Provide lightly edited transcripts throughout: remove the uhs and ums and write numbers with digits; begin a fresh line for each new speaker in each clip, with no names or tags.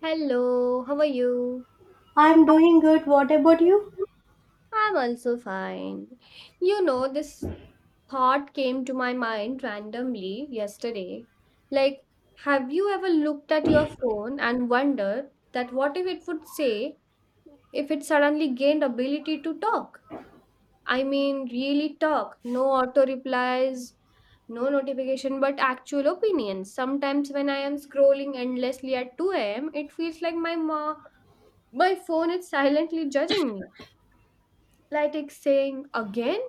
Hello, how are you?
I'm doing good. What about you?
I'm also fine. You know, this thought came to my mind randomly yesterday. Like, have you ever looked at your phone and wondered that what if it would say if it suddenly gained ability to talk? I mean, really talk. No auto replies, no notification, but actual opinions. Sometimes when I am scrolling endlessly at 2 a.m., it feels like my mom. My phone is silently judging me, like it's saying, again?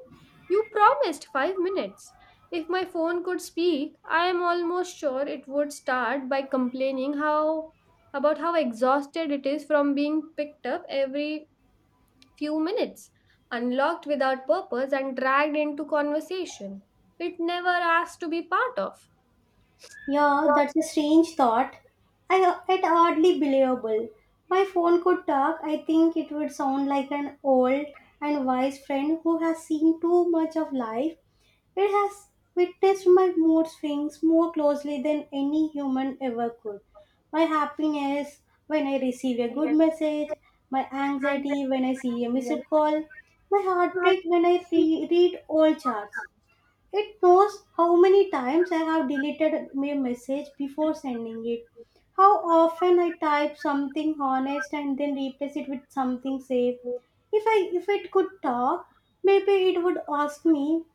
You promised 5 minutes. If my phone could speak, I am almost sure it would start by complaining how about how exhausted it is from being picked up every few minutes, unlocked without purpose and dragged into conversation. It never asked to be part of.
Yeah, that's a strange thought. I it hardly believable. My phone could talk. I think it would sound like an old and wise friend who has seen too much of life. It has witnessed my mood swings more closely than any human ever could. My happiness when I receive a good message, my anxiety when I see a missed call, my heartbreak when I read old charts. It knows how many times I have deleted my message before sending it. How often I type something honest and then replace it with something safe. If it could talk, maybe it would ask me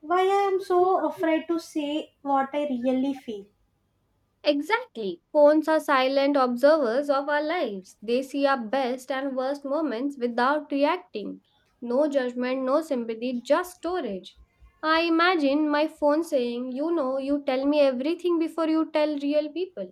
why I am so afraid to say what I really feel.
Exactly. Phones are silent observers of our lives. They see our best and worst moments without reacting. No judgment, no sympathy, just storage. I imagine my phone saying, you know, you tell me everything before you tell real people.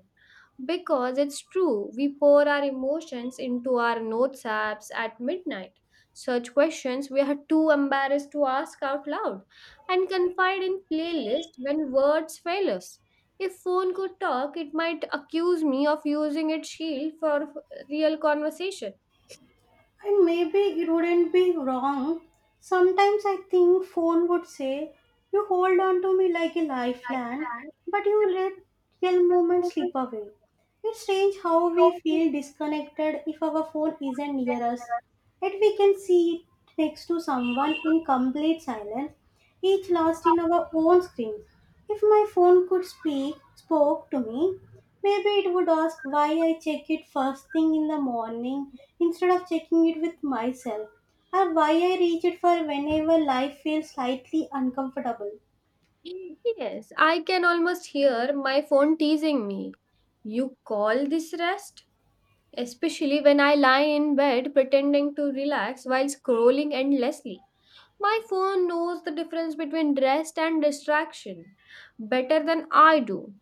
Because it's true, we pour our emotions into our notes apps at midnight, search questions we are too embarrassed to ask out loud, and confide in playlists when words fail us. If phone could talk, it might accuse me of using its shield real conversation.
And maybe it wouldn't be wrong. Sometimes I think phone would say, "You hold on to me like a lifeline, but you let real moments slip away." It's strange how we feel disconnected if our phone isn't near us. Yet we can see it next to someone in complete silence, each lost in our own screens. If my phone spoke to me, maybe it would ask why I check it first thing in the morning instead of checking it with myself, or why I reach it for whenever life feels slightly uncomfortable.
Yes, I can almost hear my phone teasing me. You call this rest? Especially when I lie in bed pretending to relax while scrolling endlessly. My phone knows the difference between rest and distraction better than I do.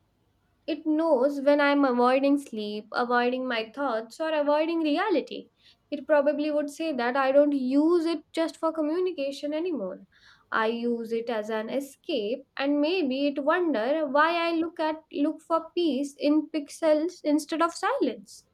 It knows when I'm avoiding sleep, avoiding my thoughts, or avoiding reality. It probably would say that I don't use it just for communication anymore. I use it as an escape, and maybe it wonder why I look for peace in pixels instead of silence.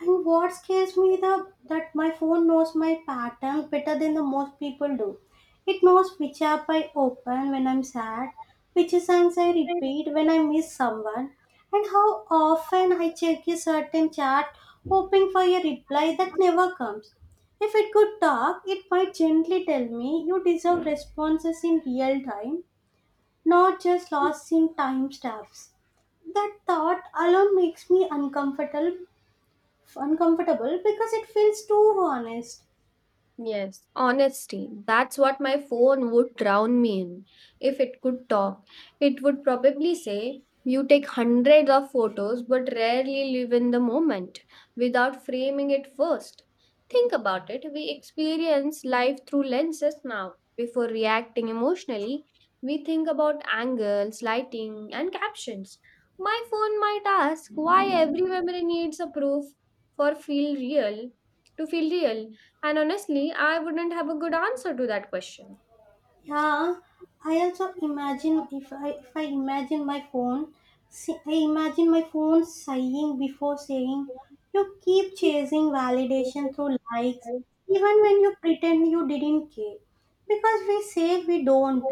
And what scares me the that my phone knows my patterns better than the most people do. It knows which app I open when I'm sad, which songs I repeat when I miss someone, and how often I check a certain chat hoping for a reply that never comes. If it could talk, it might gently tell me, "You deserve responses in real time, not just lost in timestamps." That thought alone makes me uncomfortable because it feels too honest.
Yes, honesty. That's what my phone would drown me in. If it could talk, it would probably say, you take hundreds of photos but rarely live in the moment without framing it first. Think about it. We experience life through lenses now. Before reacting emotionally, we think about angles, lighting, and captions. My phone might ask why every memory needs a proof for feel real to feel real, and honestly, I wouldn't have a good answer to that question.
Yeah, I also imagine, if I imagine my phone, see, I imagine my phone sighing before saying, "You keep chasing validation through likes, even when you pretend you didn't care, because we say we don't,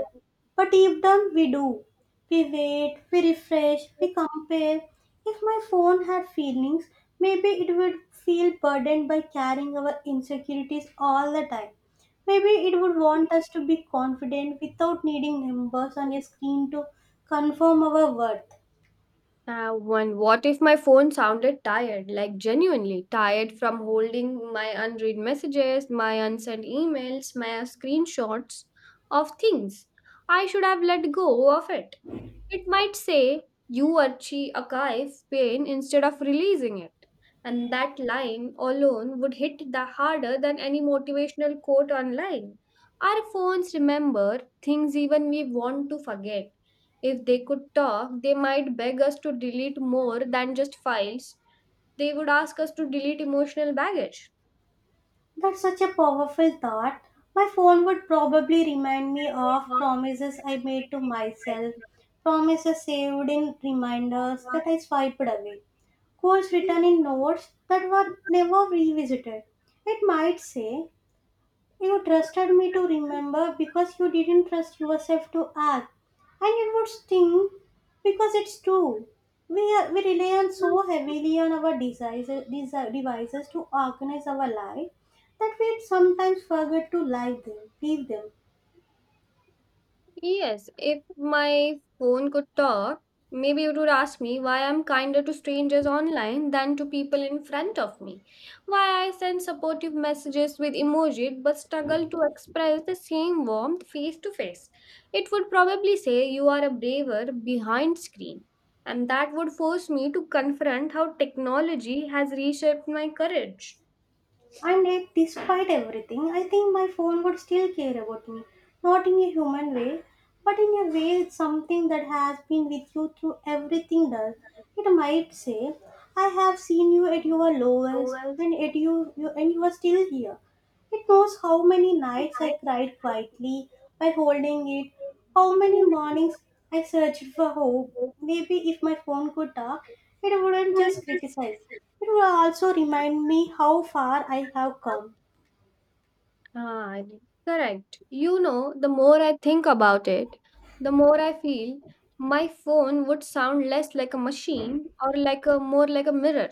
but deep down we do. We wait, we refresh, we compare. If my phone had feelings, maybe it would feel burdened by carrying our insecurities all the time." Maybe it would want us to be confident without needing numbers on a screen to confirm our worth.
What if my phone sounded tired, like genuinely tired from holding my unread messages, my unsent emails, my screenshots of things? I should have let go of it. It might say, You Archie archives pain instead of releasing it. And that line alone would hit the harder than any motivational quote online. Our phones remember things even we want to forget. If they could talk, they might beg us to delete more than just files. They would ask us to delete emotional baggage.
That's such a powerful thought. My phone would probably remind me of promises I made to myself, promises saved in reminders that I swiped away, goals written in notes that were never revisited. It might say, "You trusted me to remember because you didn't trust yourself to act." And it would sting because it's true. We rely on so heavily on our devices, devices to organize our life that we sometimes forget to like them, feel them.
Yes, if my phone could talk, maybe it would ask me why I'm kinder to strangers online than to people in front of me. Why I send supportive messages with emoji but struggle to express the same warmth face to face. It would probably say you are a braver behind screen. And that would force me to confront how technology has reshaped my courage.
And yet, despite everything, I think my phone would still care about me. Not in a human way, but in a way it's something that has been with you through everything done. It might say, "I have seen you at your lowest, and at you, you and you are still here." It knows how many nights I cried quietly by holding it, how many mornings I searched for hope. Maybe if my phone could talk, it wouldn't just criticize. It would also remind me how far I have come.
Ah, y- correct. You know, the more I think about it, the more I feel my phone would sound less like a machine or like a mirror,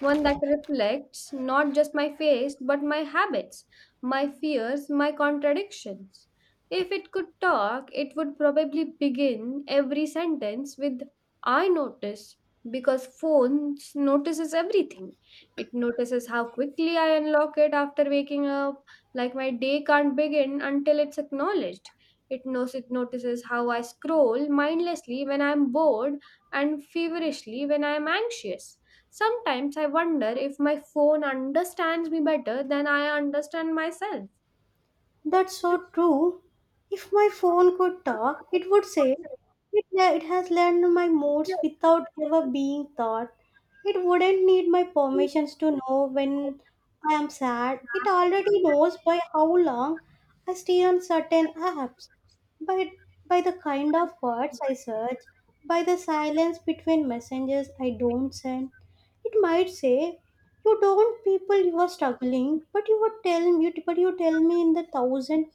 one that reflects not just my face, but my habits, my fears, my contradictions. If it could talk, it would probably begin every sentence with I notice, because phone notices everything. It notices how quickly I unlock it after waking up, like my day can't begin until it's acknowledged. It notices how I scroll mindlessly when I'm bored and feverishly when I'm anxious. Sometimes I wonder if my phone understands me better than I understand myself.
That's so true. If my phone could talk, it would say, it has learned my moods without ever being taught. It wouldn't need my permissions to know when I am sad. It already knows by how long I stay on certain apps, by, by the kind of words I search, by the silence between messages I don't send. It might say, "You don't people you are struggling, but you tell me in the thousand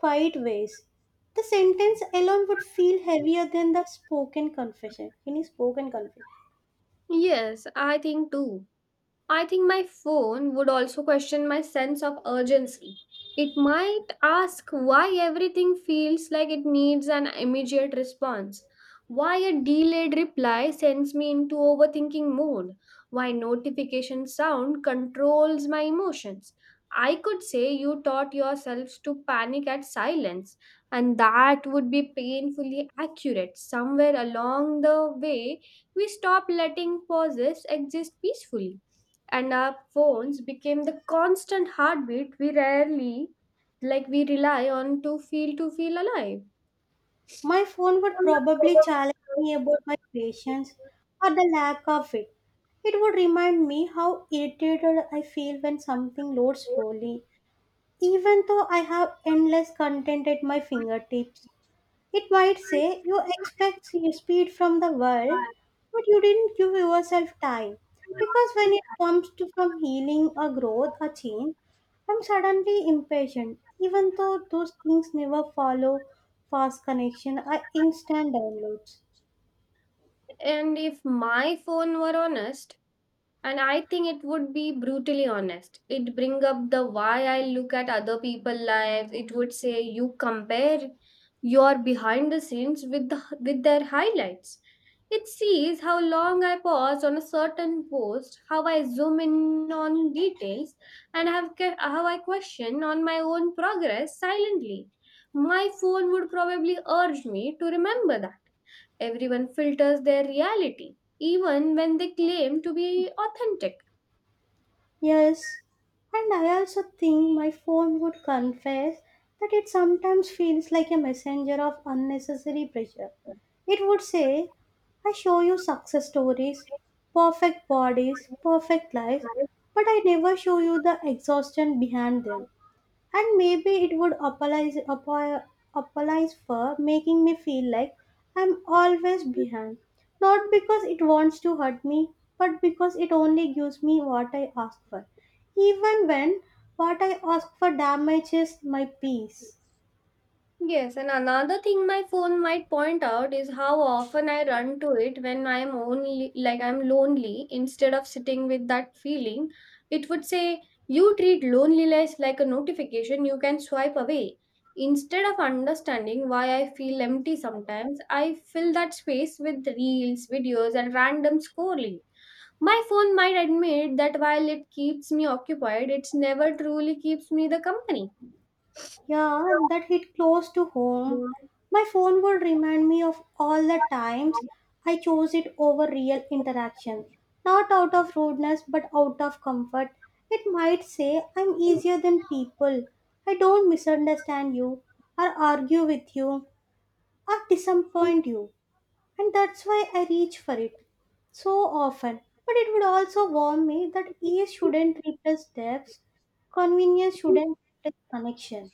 fight ways." The sentence alone would feel heavier than the spoken confession. Any spoken confession.
Yes, I think too. I think my phone would also question my sense of urgency. It might ask why everything feels like it needs an immediate response, why a delayed reply sends me into overthinking mode, why notification sound controls my emotions. I could say you taught yourselves to panic at silence, and that would be painfully accurate. Somewhere along the way, we stop letting pauses exist peacefully and our phones became the constant heartbeat we rarely like we rely on to feel alive.
My phone would probably challenge me about my patience, or the lack of it. It would remind me how irritated I feel when something loads slowly, even though I have endless content at my fingertips. It might say, "You expect speed from the world, but you didn't give yourself time." Because when it comes to from healing or growth or change, I'm suddenly impatient, even though those things never follow fast connection or instant downloads.
And if my phone were honest, and I think it would be brutally honest, it bring up the why I look at other people' lives. It would say you compare your behind the scenes with their highlights. It sees how long I pause on a certain post, how I zoom in on details, and how I question on my own progress silently. My phone would probably urge me to remember that everyone filters their reality, even when they claim to be authentic.
Yes, and I also think my phone would confess that it sometimes feels like a messenger of unnecessary pressure. It would say, "I show you success stories, perfect bodies, perfect lives,
Right.
but I never show you the exhaustion behind them." And maybe it would apologize for making me feel like I'm always behind. Not because it wants to hurt me, but because it only gives me what I ask for. Even when what I ask for damages my peace.
Yes, and another thing my phone might point out is how often I run to it when I'm only like I'm lonely instead of sitting with that feeling. It would say, you treat loneliness like a notification you can swipe away. Instead of understanding why I feel empty sometimes, I fill that space with reels, videos, and random scrolling. My phone might admit that while it keeps me occupied, it's never truly keeps me the company.
Yeah, that hit close to home. My phone would remind me of all the times I chose it over real interaction. Not out of rudeness, but out of comfort. It might say, "I'm easier than people. I don't misunderstand you, or argue with you, or disappoint you." And that's why I reach for it so often. But it would also warn me that ease shouldn't replace depth, convenience shouldn't replace connection.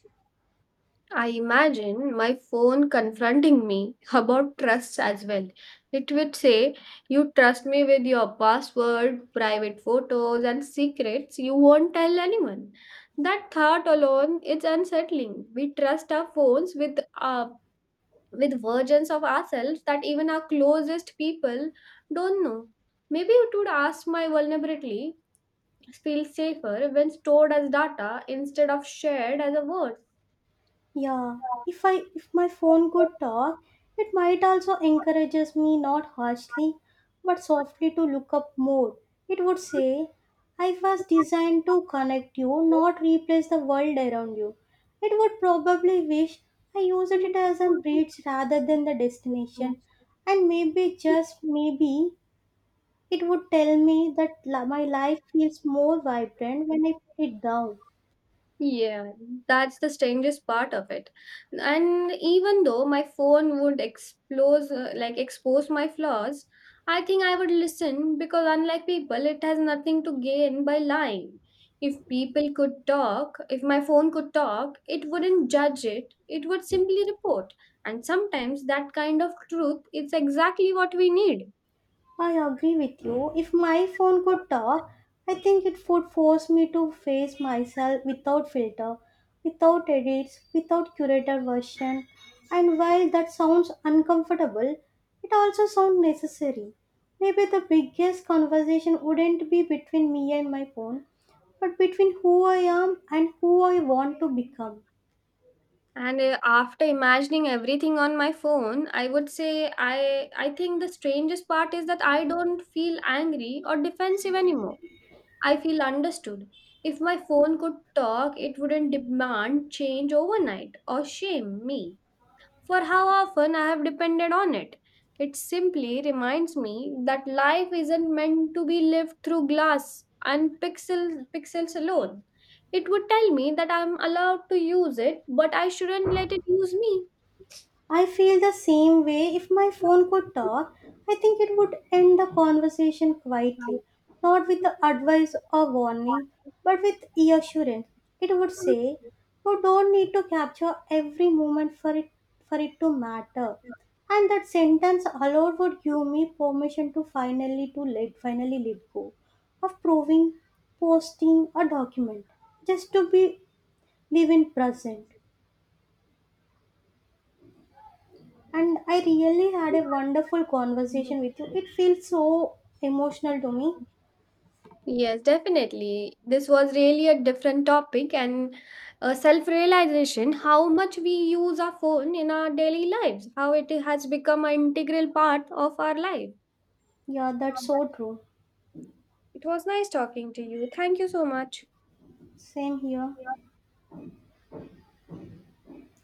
I imagine my phone confronting me about trust as well. It would say, you trust me with your password, private photos, and secrets you won't tell anyone. That thought alone is unsettling. We trust our phones with our with versions of ourselves that even our closest people don't know. Maybe it would ask my vulnerability feels safer when stored as data instead of shared as a word.
Yeah, if my phone could talk, it might also encourages me, not harshly, but softly, to look up more. It would say, "I was designed to connect you, not replace the world around you." It would probably wish I used it as a bridge rather than the destination, and maybe, just maybe, it would tell me that my life feels more vibrant when I put it down.
Yeah, that's the strangest part of it. And even though my phone would expose my flaws, I think I would listen because unlike people, it has nothing to gain by lying. If my phone could talk, it wouldn't judge it. It would simply report. And sometimes that kind of truth is exactly what we need.
I agree with you. If my phone could talk, I think it would force me to face myself without filter, without edits, without curated version. And while that sounds uncomfortable, it also sounds necessary. Maybe the biggest conversation wouldn't be between me and my phone, but between who I am and who I want to become.
And after imagining everything on my phone, I would say I think the strangest part is that I don't feel angry or defensive anymore. I feel understood. If my phone could talk, it wouldn't demand change overnight or shame me for how often I have depended on it. It simply reminds me that life isn't meant to be lived through pixels alone. It would tell me that I'm allowed to use it, but I shouldn't let it use me.
I feel the same way. If my phone could talk, I think it would end the conversation quietly, not with the advice or warning, but with reassurance. It would say, "You don't need to capture every moment for it to matter." And that sentence alone would give me permission to finally to let finally let go of proving, posting a document, just to be live in present. And I really had a wonderful conversation with you. It feels so emotional to me.
Yes, definitely. This was really a different topic and self realization how much we use our phone in our daily lives, how it has become an integral part of our life.
Yeah, that's so true.
It was nice talking to you. Thank you so much.
Same here.